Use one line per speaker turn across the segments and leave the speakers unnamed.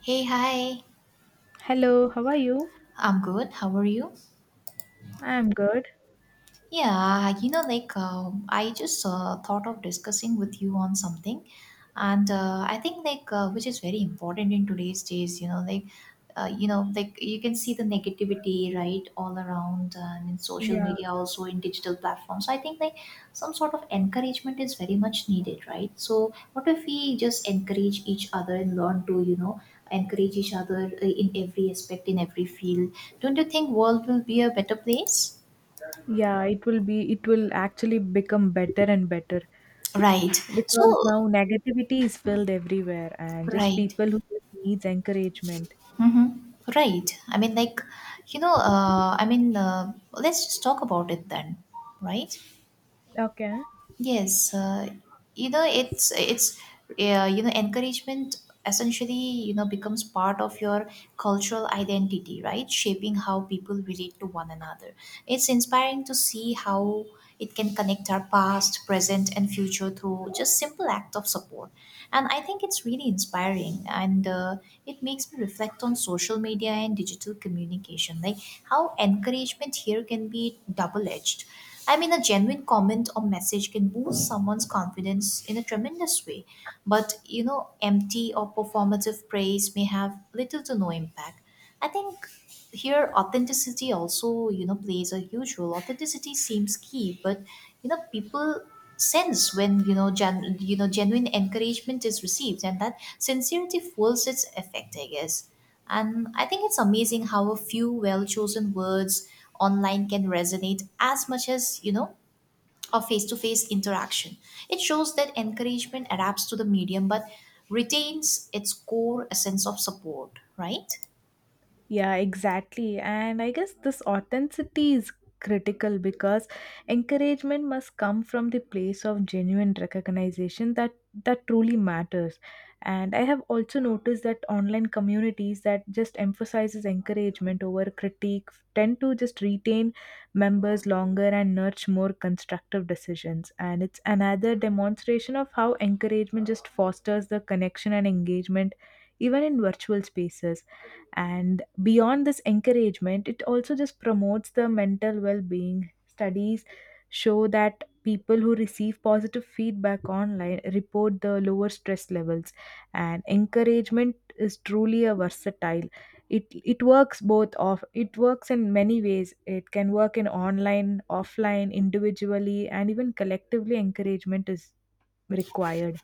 Hey, hi.
Hello, how are you?
I'm good. How are you?
I'm good.
Yeah, you know, like I just thought of discussing with you on something, and I think which is very important in today's days. You can see the negativity, right, all around, and in social media, also in digital platforms. So I think some sort of encouragement is very much needed, right? So what if we just encourage each other and learn to encourage each other in every aspect, in every field? Don't you think world will be a better place?
Yeah, it will be, it will actually become better and better
Right.
because
So,
now negativity is filled everywhere and just
right.
people who just needs encouragement.
hmm Right. I mean, like, you know, I mean, Let's just talk about it then, right?
Okay.
Yes. You know, it's, it's, Encouragement essentially, you know, becomes part of your cultural identity, right? Shaping how people relate to one another. It's inspiring to see how it can connect our past, present, and future through just simple act of support. And I think it's really inspiring, and it makes me reflect on social media and digital communication, like how encouragement here can be double edged. I mean, a genuine comment or message can boost someone's confidence in a tremendous way, but you know, empty or performative praise may have little to no impact. I think here authenticity also, you know, plays a huge role. Authenticity seems key, but you know, people sense when, you know, genuine encouragement is received, and that sincerity fuels its effect, I guess. And I think it's amazing how a few well chosen words online can resonate as much as, you know, a face to face interaction. It shows that encouragement adapts to the medium but retains its core essence of support, right.
Yeah, exactly. And I guess this authenticity is critical because encouragement must come from the place of genuine recognition that truly matters. And I have also noticed that online communities that just emphasizes encouragement over critique tend to just retain members longer and nurture more constructive decisions. And it's another demonstration of how encouragement just fosters the connection and engagement even in virtual spaces, and beyond this encouragement, it also just promotes the mental well-being. Studies show that people who receive positive feedback online report the lower stress levels, and encouragement is truly a versatile, it works both off, it works in many ways. It can work in online, offline, individually, and even collectively. Encouragement is required.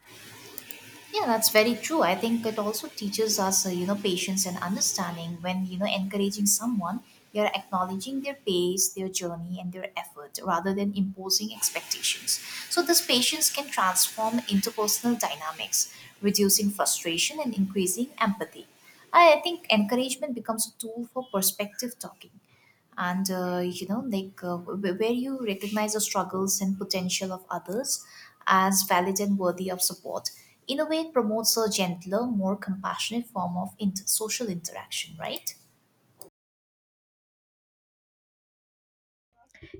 Yeah, that's very true. I think it also teaches us, you know, patience and understanding. When, you know, encouraging someone, you're acknowledging their pace, their journey, and their effort, rather than imposing expectations. So this patience can transform interpersonal dynamics, reducing frustration and increasing empathy. I think encouragement becomes a tool for perspective talking, and where you recognize the struggles and potential of others as valid and worthy of support. In a way, it promotes a gentler, more compassionate form of social interaction, right.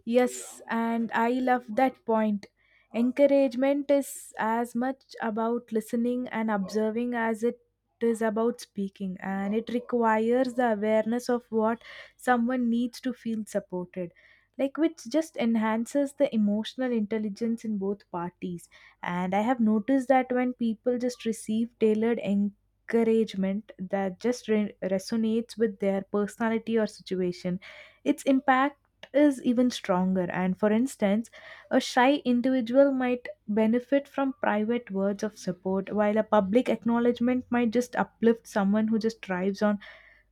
Yes, and I love that point. Encouragement is as much about listening and observing as it is about speaking, and it requires the awareness of what someone needs to feel supported, like which just enhances the emotional intelligence in both parties. And I have noticed that when people just receive tailored encouragement that just resonates with their personality or situation, its impact is even stronger. And for instance, a shy individual might benefit from private words of support, while a public acknowledgement might just uplift someone who just thrives on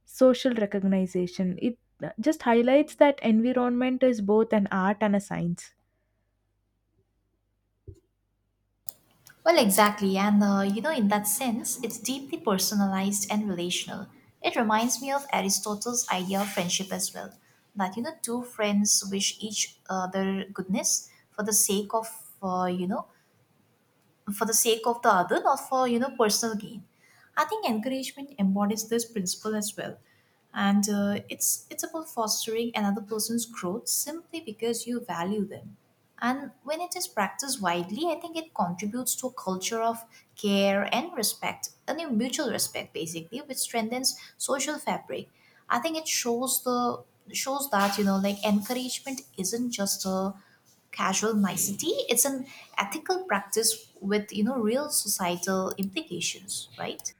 social recognition. It just highlights that environment is both an art and a science.
Well, exactly. And you know, in that sense, it's deeply personalized and relational. It reminds me of Aristotle's idea of friendship as well, that, you know, two friends wish each other goodness for the sake of, uh, you know for the sake of the other, not for, you know, personal gain. I think encouragement embodies this principle as well, and it's about fostering another person's growth simply because you value them. And when it is practiced widely, I think it contributes to a culture of care and respect, and a mutual respect basically, which strengthens social fabric. I think it shows the shows that, you know, like encouragement isn't just a casual nicety; it's an ethical practice with, you know, real societal implications, right?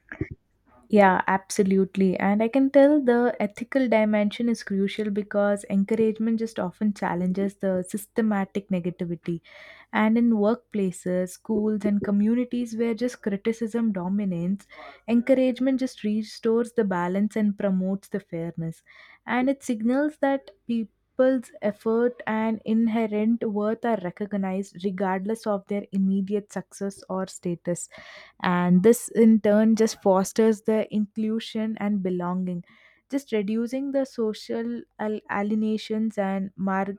Yeah, absolutely. And I can tell the ethical dimension is crucial because encouragement just often challenges the systematic negativity. And in workplaces, schools, and communities where just criticism dominates, encouragement just restores the balance and promotes the fairness. And it signals that people's effort and inherent worth are recognized regardless of their immediate success or status, and this in turn just fosters the inclusion and belonging, just reducing the social alienations and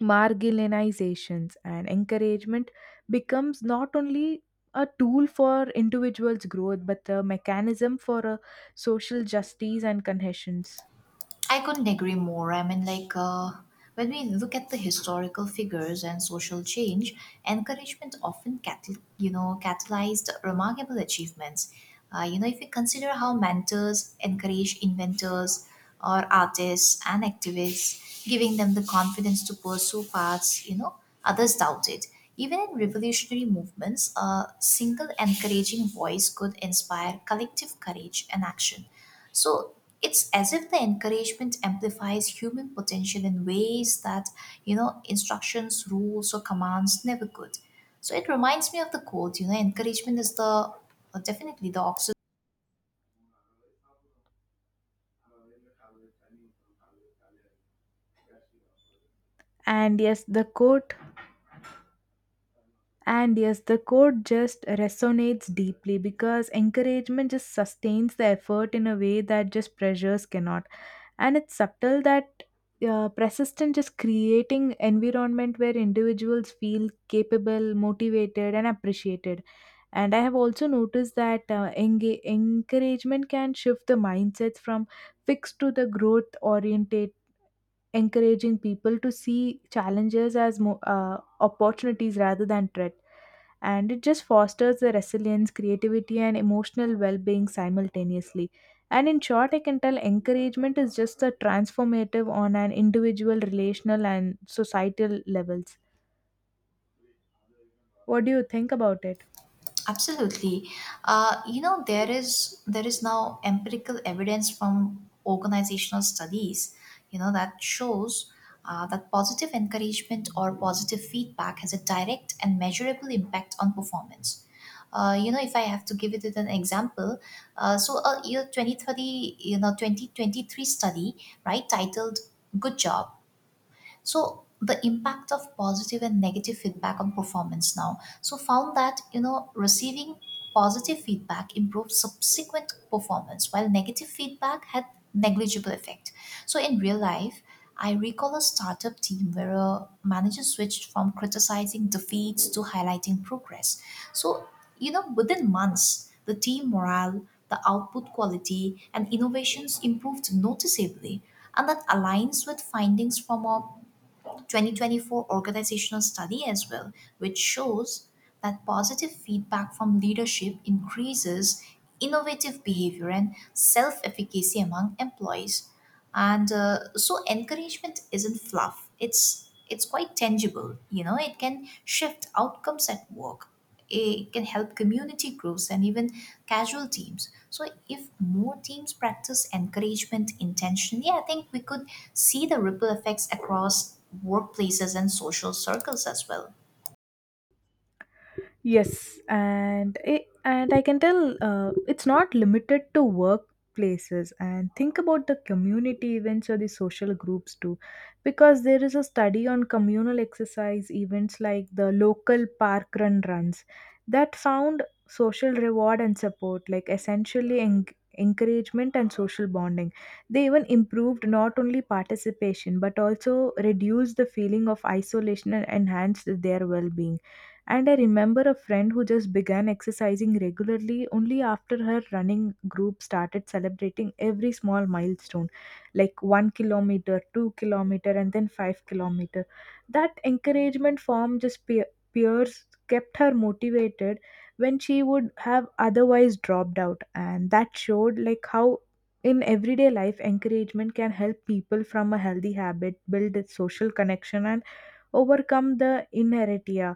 marginalizations. And encouragement becomes not only a tool for individuals growth, but a mechanism for a social justice and cohesions.
I couldn't agree more. I mean, like, when we look at the historical figures and social change, encouragement often you know, catalyzed remarkable achievements. You know, if you consider how mentors encourage inventors or artists and activists, giving them the confidence to pursue paths, you know, others doubted. Even in revolutionary movements, a single encouraging voice could inspire collective courage and action. So it's as if the encouragement amplifies human potential in ways that, you know, instructions, rules, or commands never could. So it reminds me of the quote, you know, encouragement is the, definitely the oxygen.
and yes the quote And yes, the quote just resonates deeply because encouragement just sustains the effort in a way that just pressures cannot. And it's subtle that persistent, just creating environment where individuals feel capable, motivated, and appreciated. And I have also noticed that encouragement can shift the mindsets from fixed to the growth oriented, encouraging people to see challenges as opportunities rather than threat. And it just fosters the resilience, creativity, and emotional well-being simultaneously. And in short, I can tell encouragement is just a transformative on an individual, relational, and societal levels. What do you think about it?
Absolutely. There is now empirical evidence from organizational studies, you know, that shows that positive encouragement or positive feedback has a direct and measurable impact on performance. You know, if I have to give it an example, so a year 2030, you know, 2023 study, right, titled Good Job, so the impact of positive and negative feedback on performance now, so found that, you know, receiving positive feedback improved subsequent performance, while negative feedback had negligible effect. So in real life, I recall a startup team where a manager switched from criticizing defeats to highlighting progress. So, you know, within months, the team morale, the output quality, and innovations improved noticeably. And that aligns with findings from a 2024 organizational study as well, which shows that positive feedback from leadership increases innovative behavior and self efficacy among employees. And so encouragement isn't fluff. It's quite tangible, you know, it can shift outcomes at work, it can help community groups and even casual teams. So if more teams practice encouragement intentionally, I think we could see the ripple effects across workplaces and social circles as well.
Yes, and I can tell it's not limited to workplaces. And think about the community events or the social groups too, because there is a study on communal exercise events like the local park run runs that found social reward and support, like essentially encouragement and social bonding. They even improved not only participation but also reduced the feeling of isolation and enhanced their well-being. And I remember a friend who just began exercising regularly only after her running group started celebrating every small milestone, like 1 kilometer, 2 kilometer, and then 5 kilometer. That encouragement form just peers kept her motivated when she would have otherwise dropped out, and that showed like how in everyday life encouragement can help people from a healthy habit, build a social connection, and overcome the inertia.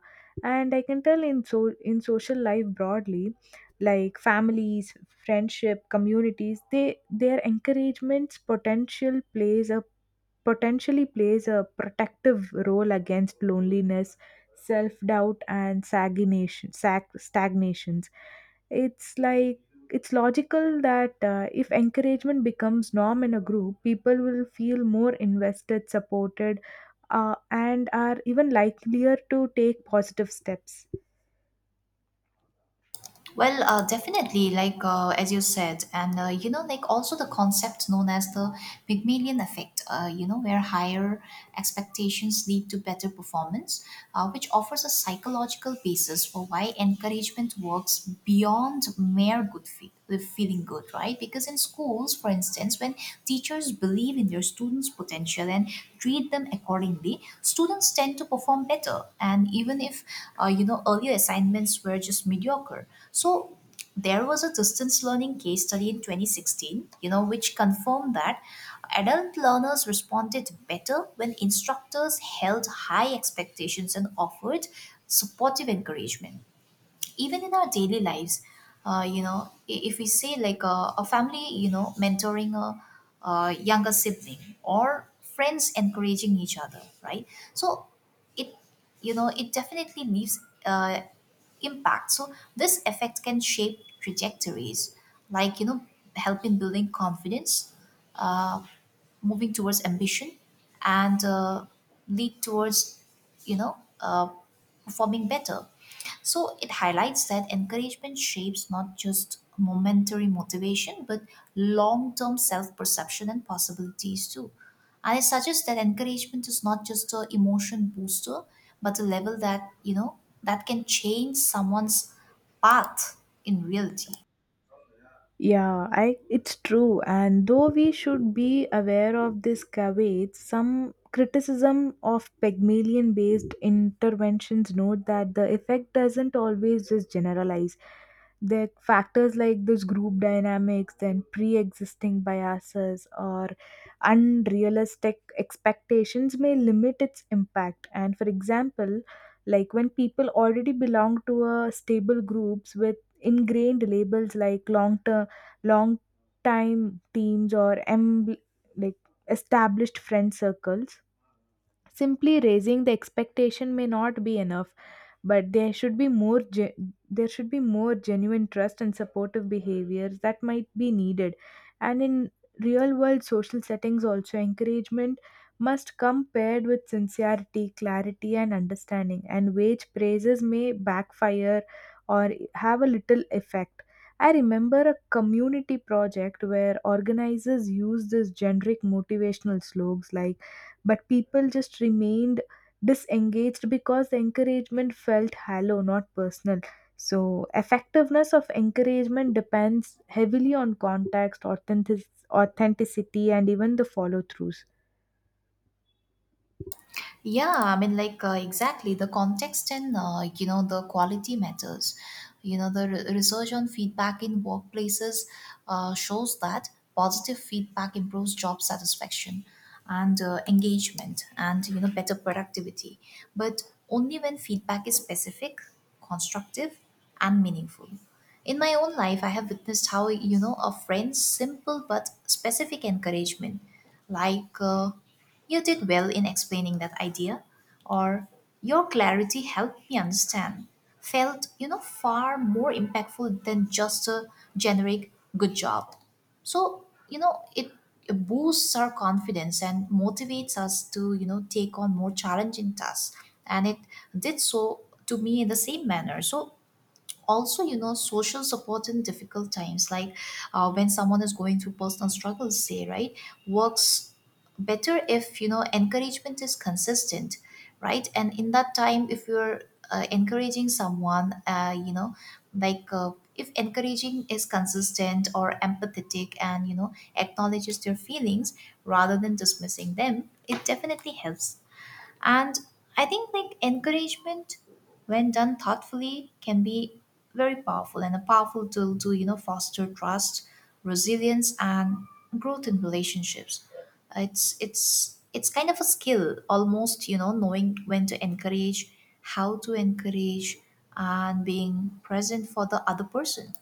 And I can tell in, so in social life broadly, like families, friendship, communities, they, their encouragements potential plays a, potentially plays a protective role against loneliness, self doubt, and stagnation, stagnations. It's like it's logical that if encouragement becomes norm in a group, people will feel more invested, supported, and are even likelier to take positive steps.
Well, definitely, like as you said, and you know, like also the concept known as the Pygmalion effect, you know, where higher expectations lead to better performance, which offers a psychological basis for why encouragement works beyond mere good faith, the feeling good, right? Because in schools, for instance, when teachers believe in their students' potential and treat them accordingly, students tend to perform better. And even if you know, earlier assignments were just mediocre, so there was a distance learning case study in 2016, you know, which confirmed that adult learners responded better when instructors held high expectations and offered supportive encouragement. Even in our daily lives, if we say like a family, you know, mentoring a younger sibling, or friends encouraging each other, right. So it, you know, it definitely leaves uh, impact. So this effect can shape trajectories, like, you know, helping building confidence, uh, moving towards ambition, and lead towards, you know uh, performing better. So it highlights that encouragement shapes not just momentary motivation, but long term self perception and possibilities too. And it suggests that encouragement is not just a emotion booster, but a level that, you know, that can change someone's path in reality.
Yeah, I it's true. And though we should be aware of this caveats, some criticism of Pygmalion based interventions note that the effect doesn't always just generalize. The factors like this group dynamics, then pre existing biases or unrealistic expectations may limit its impact. And for example, like when people already belong to a stable groups with ingrained labels like long time teams, or like established friend circles, simply raising the expectation may not be enough, but there should be more there should be more genuine trust and supportive behaviors that might be needed. And in real world social settings also, encouragement must come paired with sincerity, clarity, and understanding, and wage praises may backfire or have a little effect. I remember a community project where organizers used these generic motivational slogans, like, but people just remained disengaged because the encouragement felt hollow, not personal. So effectiveness of encouragement depends heavily on context, authenticity, and even the follow throughs.
Yeah, I mean, like exactly, the context and you know, the quality matters. You know, the research on feedback in workplaces shows that positive feedback improves job satisfaction and engagement and, you know, better productivity. But only when feedback is specific, constructive, and meaningful. In my own life, I have witnessed how, you know, a friend's simple but specific encouragement, like. You did well in explaining that idea, or your clarity helped me understand. Felt, you know, far more impactful than just a generic good job. So, you know, it boosts our confidence and motivates us to, you know, take on more challenging tasks. And it did so to me in the same manner. So, also, you know, social support in difficult times, like when someone is going through personal struggles, say, right, works better if, you know, encouragement is consistent, right. And in that time, if you're encouraging someone, if encouraging is consistent or empathetic, and, you know, acknowledges their feelings rather than dismissing them, it definitely helps. And I think like encouragement, when done thoughtfully, can be very powerful, and a powerful tool to, you know, foster trust, resilience, and growth in relationships. It's kind of a skill almost, you know, knowing when to encourage, how to encourage, and being present for the other person.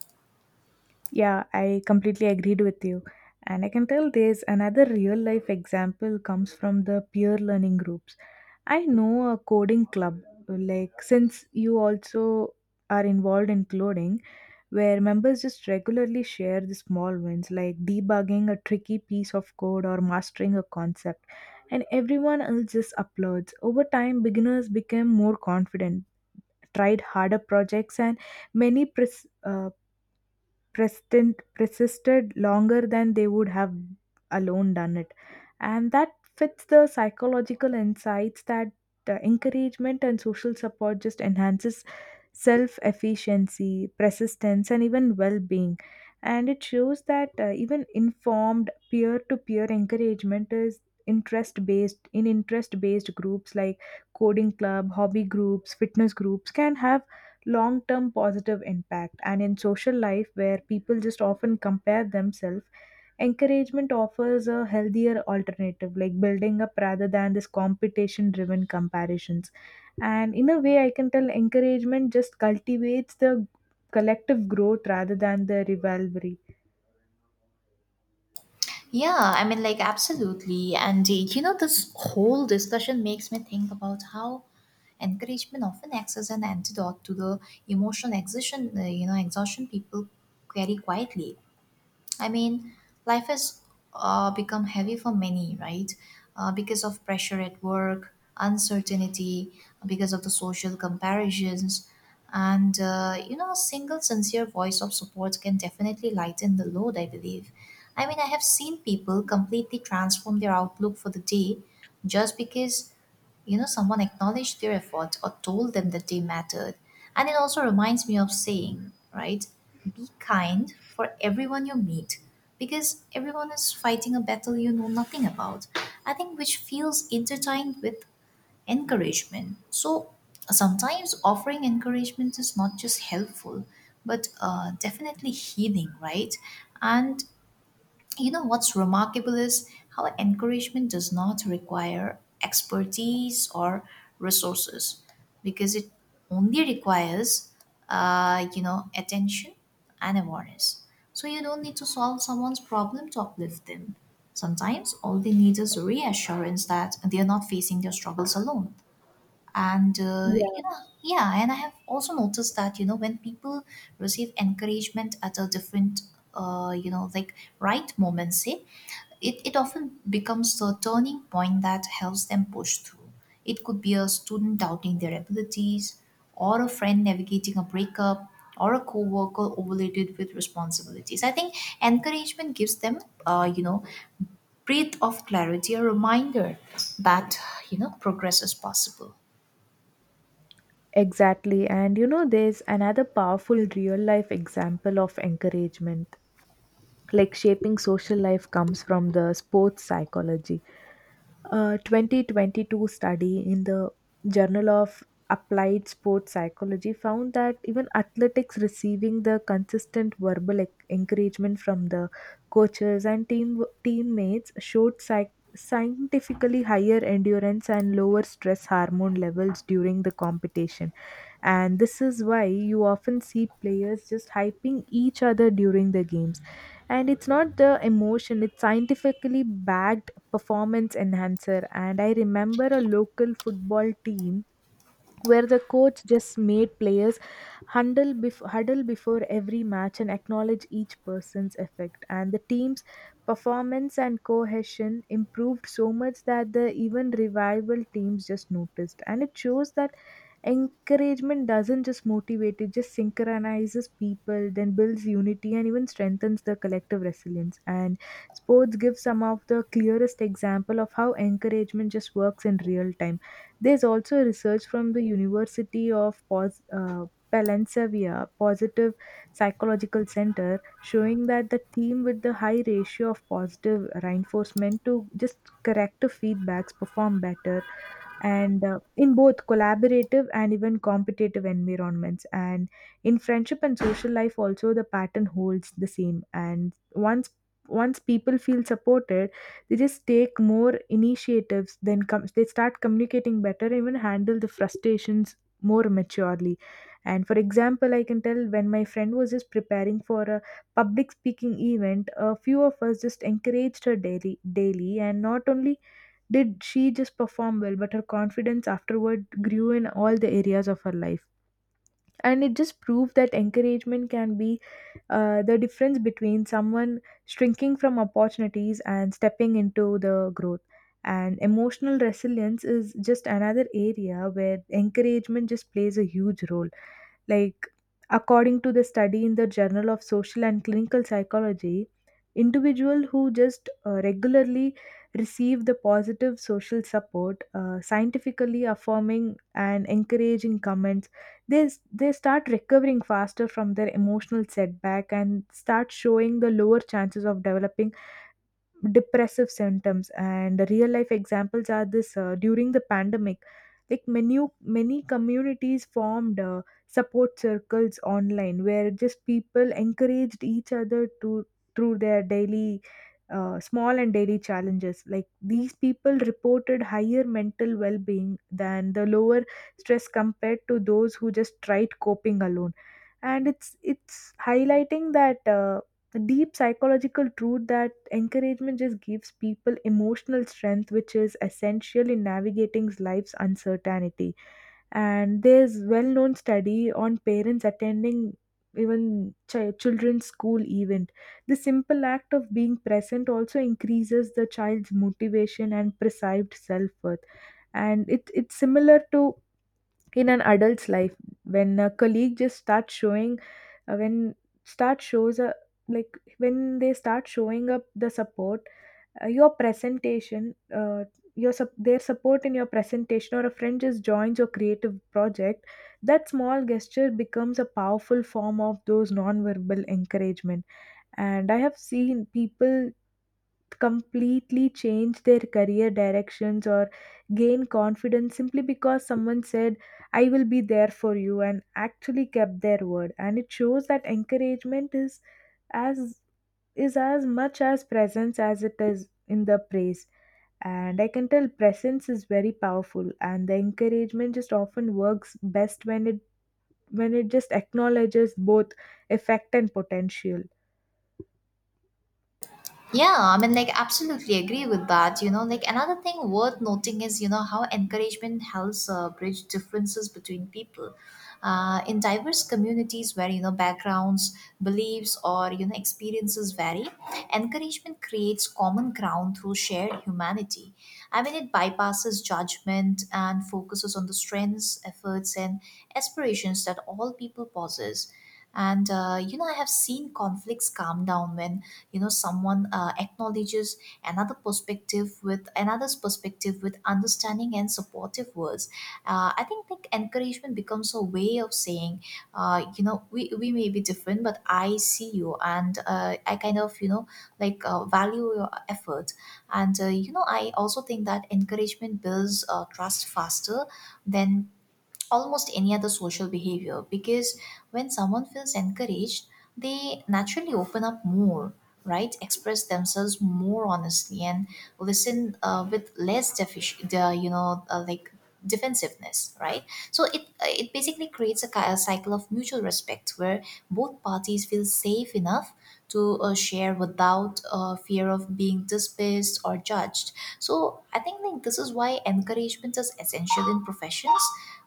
Yeah, I completely agreed with you. And I can tell there's another real life example comes from the peer learning groups. I know a coding club, like, since you also are involved in coding, where members just regularly share the small wins like debugging a tricky piece of code or mastering a concept, and everyone else just uploads. Over time beginners became more confident, tried harder projects, and many pres- persistent persisted longer than they would have alone done it. And that fits the psychological insights that encouragement and social support just enhances self efficiency, persistence, and even well being. And it shows that even informed peer to peer encouragement is interest based in interest based groups like coding club, hobby groups, fitness groups, can have long term positive impact. And in social life, where people just often compare themselves, encouragement offers a healthier alternative, like building up rather than this competition driven comparisons. And in a way, I can tell encouragement just cultivates the collective growth rather than the rivalry.
Yeah, I mean, like, absolutely. And you know, this whole discussion makes me think about how encouragement often acts as an antidote to the emotional exhaustion, exhaustion people carry quietly. I mean, life has become heavy for many, right? Because of pressure at work, uncertainty, because of the social comparisons. And, you know, a single sincere voice of support can definitely lighten the load, I believe. I mean, I have seen people completely transform their outlook for the day just because, you know, someone acknowledged their effort or told them that they mattered. And it also reminds me of saying, right, be kind for everyone you meet, because everyone is fighting a battle you know nothing about. I think which feels intertwined with encouragement. So sometimes offering encouragement is not just helpful, but definitely healing, right. And, you know, what's remarkable is how encouragement does not require expertise or resources, because it only requires, you know, attention and awareness. So you don't need to solve someone's problem to uplift them. Sometimes all they need is reassurance that they are not facing their struggles alone and
Yeah,
you know yeah and I have also noticed that when people receive encouragement at a different right moment, say it often becomes the turning point that helps them push through. It could be a student doubting their abilities, or a friend navigating a breakup, or a coworker overloaded with responsibilities. I think encouragement gives them uh, you know breath of clarity, a reminder that progress is possible.
exactly. And you know, there's another powerful real life example of encouragement. Like shaping social life comes from the sports psychology. A 2022 study in the Journal of Applied Sports Psychology found that even athletics receiving the consistent verbal encouragement from the coaches and teammates showed scientifically higher endurance and lower stress hormone levels during the competition. And this is why you often see players just hyping each other during the games, and it's not the emotion, it's scientifically backed performance enhancer. And I remember a local football team where the coach just made players huddle, huddle before every match and acknowledge each person's effect. And the team's performance and cohesion improved so much that the even revival teams just noticed. And it shows that encouragement doesn't just motivate, it just synchronizes people, then builds unity and even strengthens the collective resilience. And sports give some of the clearest example of how encouragement just works in real time. There's also research from the University of Palensevier Positive Psychological Center showing that the team with the high ratio of positive reinforcement to just corrective feedbacks perform better, and in both collaborative and even competitive environments. And in friendship and social life also the pattern holds the same, and once people feel supported, they just take more initiatives, then they start communicating better, even handle the frustrations more maturely. And for example, I can tell when my friend was just preparing for a public speaking event, a few of us just encouraged her daily, and not only did she just perform well, but her confidence afterward grew in all the areas of her life. And it just proved that encouragement can be the difference between someone shrinking from opportunities and stepping into the growth. And emotional resilience is just another area where encouragement just plays a huge role. Like, according to the study in the Journal of Social and Clinical Psychology, individuals who just regularly receive the positive social support, scientifically affirming and encouraging comments, they, they start recovering faster from their emotional setback and start showing the lower chances of developing depressive symptoms. And the real life examples are this: during the pandemic, like many communities formed support circles online where just people encouraged each other to through their daily small and daily challenges. Like these people reported higher mental well-being than the lower stress compared to those who just tried coping alone. And it's highlighting that the deep psychological truth that encouragement just gives people emotional strength, which is essential in navigating life's uncertainty. And there's well-known study on parents attending even children's school event. The simple act of being present also increases the child's motivation and perceived self-worth. And it's similar to in an adult's life when a colleague just starts showing when start shows a like when they start showing up the support your presentation your sup- their support in your presentation, or a friend just joins your creative project. That small gesture becomes a powerful form of those non-verbal encouragement, and I have seen people completely change their career directions or gain confidence simply because someone said, "I will be there for you," and actually kept their word. And it shows that encouragement is as as much as presence as it is in the praise. And I can tell presence is very powerful, and the encouragement just often works best when it just acknowledges both effect and potential.
Yeah, I mean, like, absolutely agree with that. Another thing worth noting is, how encouragement helps bridge differences between people. In diverse communities where, backgrounds, beliefs, or, experiences vary, encouragement creates common ground through shared humanity. I mean, it bypasses judgment and focuses on the strengths, efforts, and aspirations that all people possess. And, I have seen conflicts calm down when someone acknowledges another perspective with another's perspective with understanding and supportive words. I think like encouragement becomes a way of saying, we may be different, but I see you, and I kind of, value your effort. And I also think that encouragement builds trust faster than almost any other social behavior, because when someone feels encouraged, they naturally open up more, right? Express themselves more honestly and listen with less defici- the you know like defensiveness, right? So it basically creates a cycle of mutual respect where both parties feel safe enough to share without fear of being dismissed or judged. So I think like this is why encouragement is essential in professions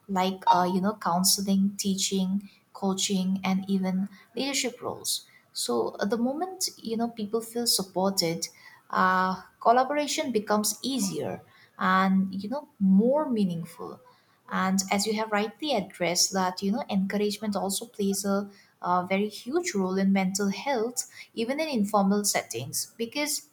like counseling, teaching, coaching, and even leadership roles. So the moment people feel supported, collaboration becomes easier and more meaningful. And as you have rightly addressed, that you know encouragement also plays a very huge role in mental health even in informal settings, because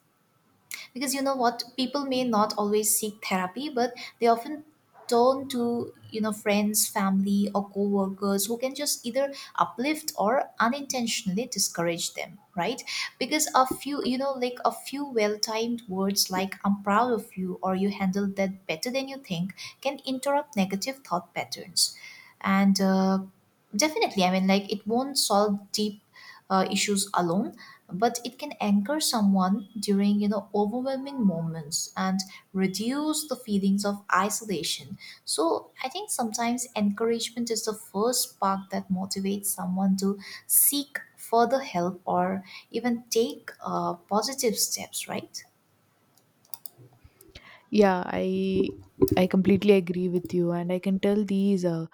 you know what, people may not always seek therapy, but they often turn to friends, family, or co-workers, who can just either uplift or unintentionally discourage them, right? Because a few, a few well-timed words like "I'm proud of you" or "you handled that better than you think" can interrupt negative thought patterns. And Definitely. I mean, like, it won't solve deep issues alone, but it can anchor someone during, overwhelming moments and reduce the feelings of isolation. So I think sometimes encouragement is the first spark that motivates someone to seek further help or even take positive steps, right?
Yeah, I completely agree with you, and I can tell these,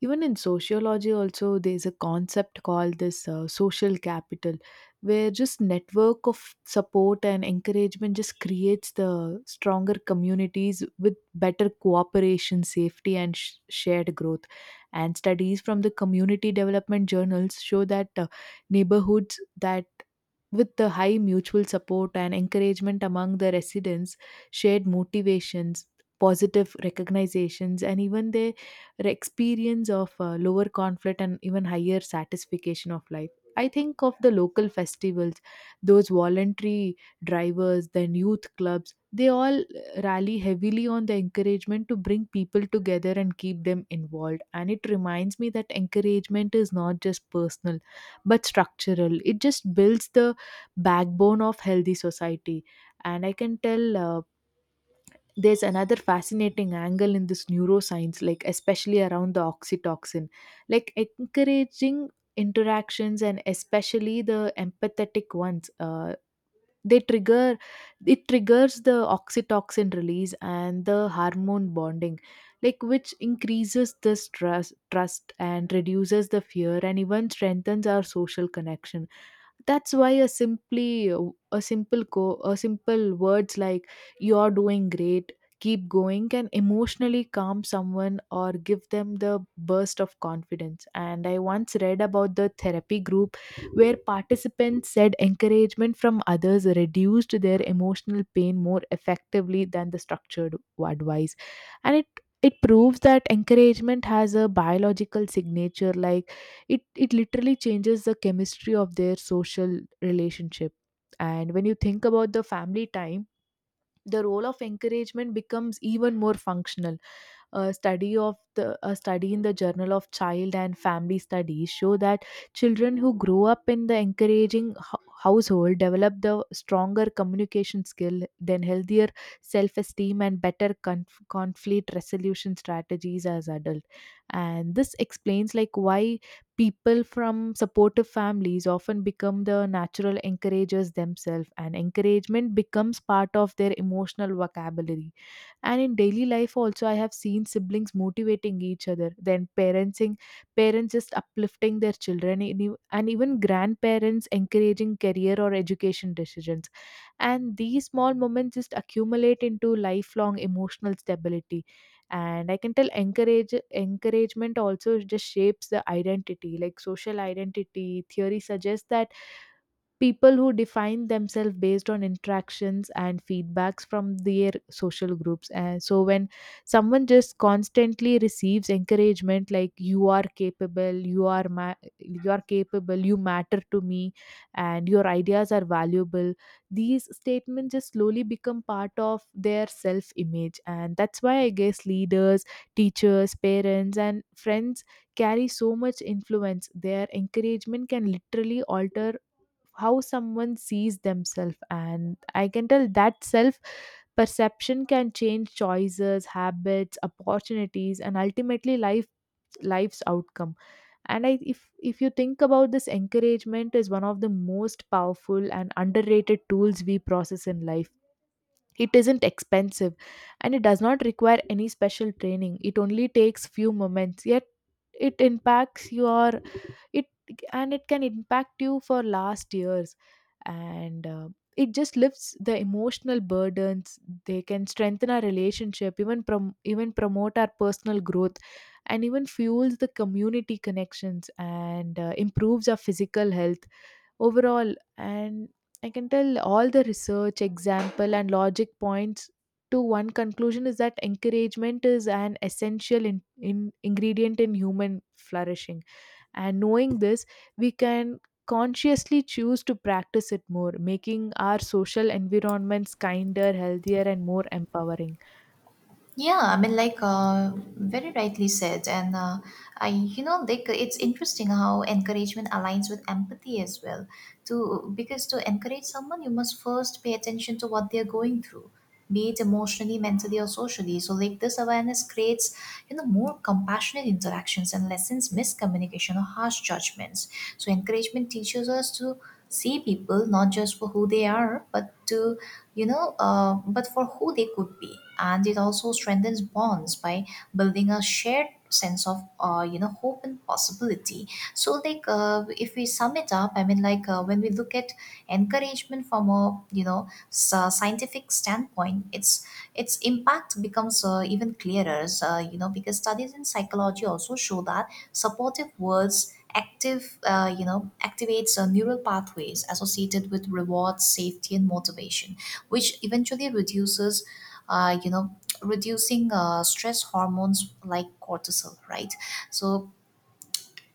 even in sociology also there's a concept called this social capital, where just network of support and encouragement just creates the stronger communities with better cooperation, safety, and shared growth. And studies from the community development journals show that neighborhoods that with the high mutual support and encouragement among the residents, shared motivations, positive recognizations, and even the experience of lower conflict and even higher satisfaction of life. I think of the local festivals, those voluntary drivers, then youth clubs, they all rally heavily on the encouragement to bring people together and keep them involved. And it reminds me that encouragement is not just personal but structural. It just builds the backbone of healthy society. And I can tell, there's another fascinating angle in this neuroscience, like especially around the oxytocin. Like encouraging interactions, and especially the empathetic ones, they trigger it triggers the oxytocin release and the hormone bonding, like which increases this trust and reduces the fear and even strengthens our social connection. That's why a simply a simple co a simple words like, "You're doing great, keep going," can emotionally calm someone or give them the burst of confidence. And I once read about the therapy group where participants said encouragement from others reduced their emotional pain more effectively than the structured advice. And it proves that encouragement has a biological signature, like it literally changes the chemistry of their social relationship. And when you think about the family time, the role of encouragement becomes even more functional. A study in the Journal of Child and Family Studies show that children who grow up in the encouraging household develop the stronger communication skill, then healthier self-esteem, and better conflict resolution strategies as adult. And this explains like why people from supportive families often become the natural encouragers themselves, and encouragement becomes part of their emotional vocabulary. And in daily life also, I have seen siblings motivating each other, then parents just uplifting their children, and and even grandparents encouraging career or education decisions. And these small moments just accumulate into lifelong emotional stability. And I can tell encouragement also just shapes the identity. Like social identity theory suggests that people who define themselves based on interactions and feedbacks from their social groups, and so when someone just constantly receives encouragement like, "You are capable, you are capable, you matter to me, and your ideas are valuable," these statements just slowly become part of their self image. And that's why I guess leaders, teachers, parents, and friends carry so much influence. Their encouragement can literally alter how someone sees themselves, and I can tell that self perception can change choices, habits, opportunities, and ultimately life's outcome. And I if you think about this, encouragement is one of the most powerful and underrated tools we process in life. It isn't expensive, and it does not require any special training. It only takes few moments, yet it impacts your it and it can impact you for last years. And it just lifts the emotional burdens, they can strengthen our relationship, even even promote our personal growth, and even fuels the community connections, and improves our physical health overall. And I can tell all the research example and logic points to one conclusion, is that encouragement is an essential in ingredient in human flourishing. And knowing this, we can consciously choose to practice it more, making our social environments kinder, healthier, and more empowering.
Yeah, I mean, like, very rightly said. And I, it's interesting how encouragement aligns with empathy as well. To, because to encourage someone, you must first pay attention to what they're going through, be it emotionally, mentally, or socially. So, like, this awareness creates, more compassionate interactions and lessens miscommunication or harsh judgments. So, encouragement teaches us to see people not just for who they are, but to, but for who they could be. And it also strengthens bonds by building a shared sense of, hope and possibility. So, like, if we sum it up, I mean, like, when we look at encouragement from a, scientific standpoint, its impact becomes even clearer, because studies in psychology also show that supportive words activates neural pathways associated with reward, safety, and motivation, which eventually reduces you know reducing stress hormones like cortisol, right? So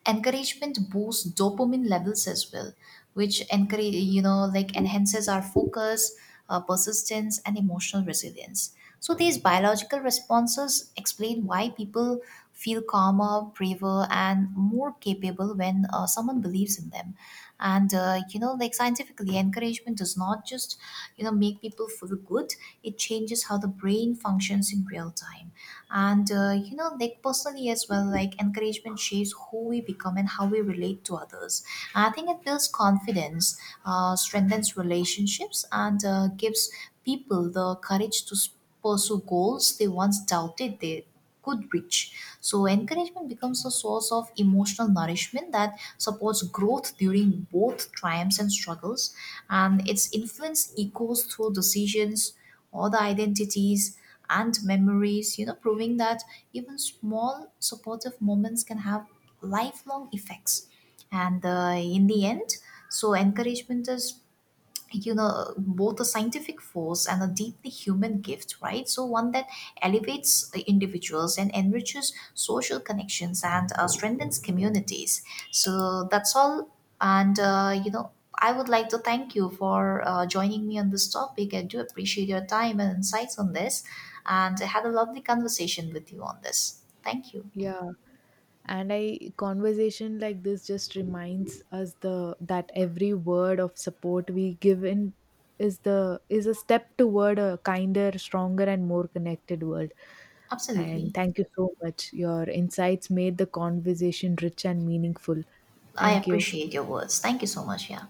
encouragement boosts dopamine levels as well, which encourage you know like enhances our focus, persistence, and emotional resilience. So these biological responses explain why people feel calmer, braver, and more capable when someone believes in them. And scientifically, encouragement does not just make people feel good, it changes how the brain functions in real time. And personally as well, like, encouragement shapes who we become and how we relate to others. And I think it builds confidence, strengthens relationships, and gives people the courage to pursue goals they once doubted they could reach. So encouragement becomes a source of emotional nourishment that supports growth during both triumphs and struggles, and its influence echoes through decisions, all the identities and memories, proving that even small supportive moments can have lifelong effects. And in the end, so encouragement is, both a scientific force and a deeply human gift, right? So one that elevates individuals and enriches social connections and strengthens communities. So that's all. And I would like to thank you for joining me on this topic. I do appreciate your time and insights on this, and I had a lovely conversation with you on this. Thank you.
Yeah, and I, conversation like this just reminds us the that every word of support we give in is a step toward a kinder, stronger, and more connected world. And
Absolutely.
thank you so much. Your insights made the conversation rich and meaningful.
I
Thank you.
appreciate your words. Thank you so much. Yeah.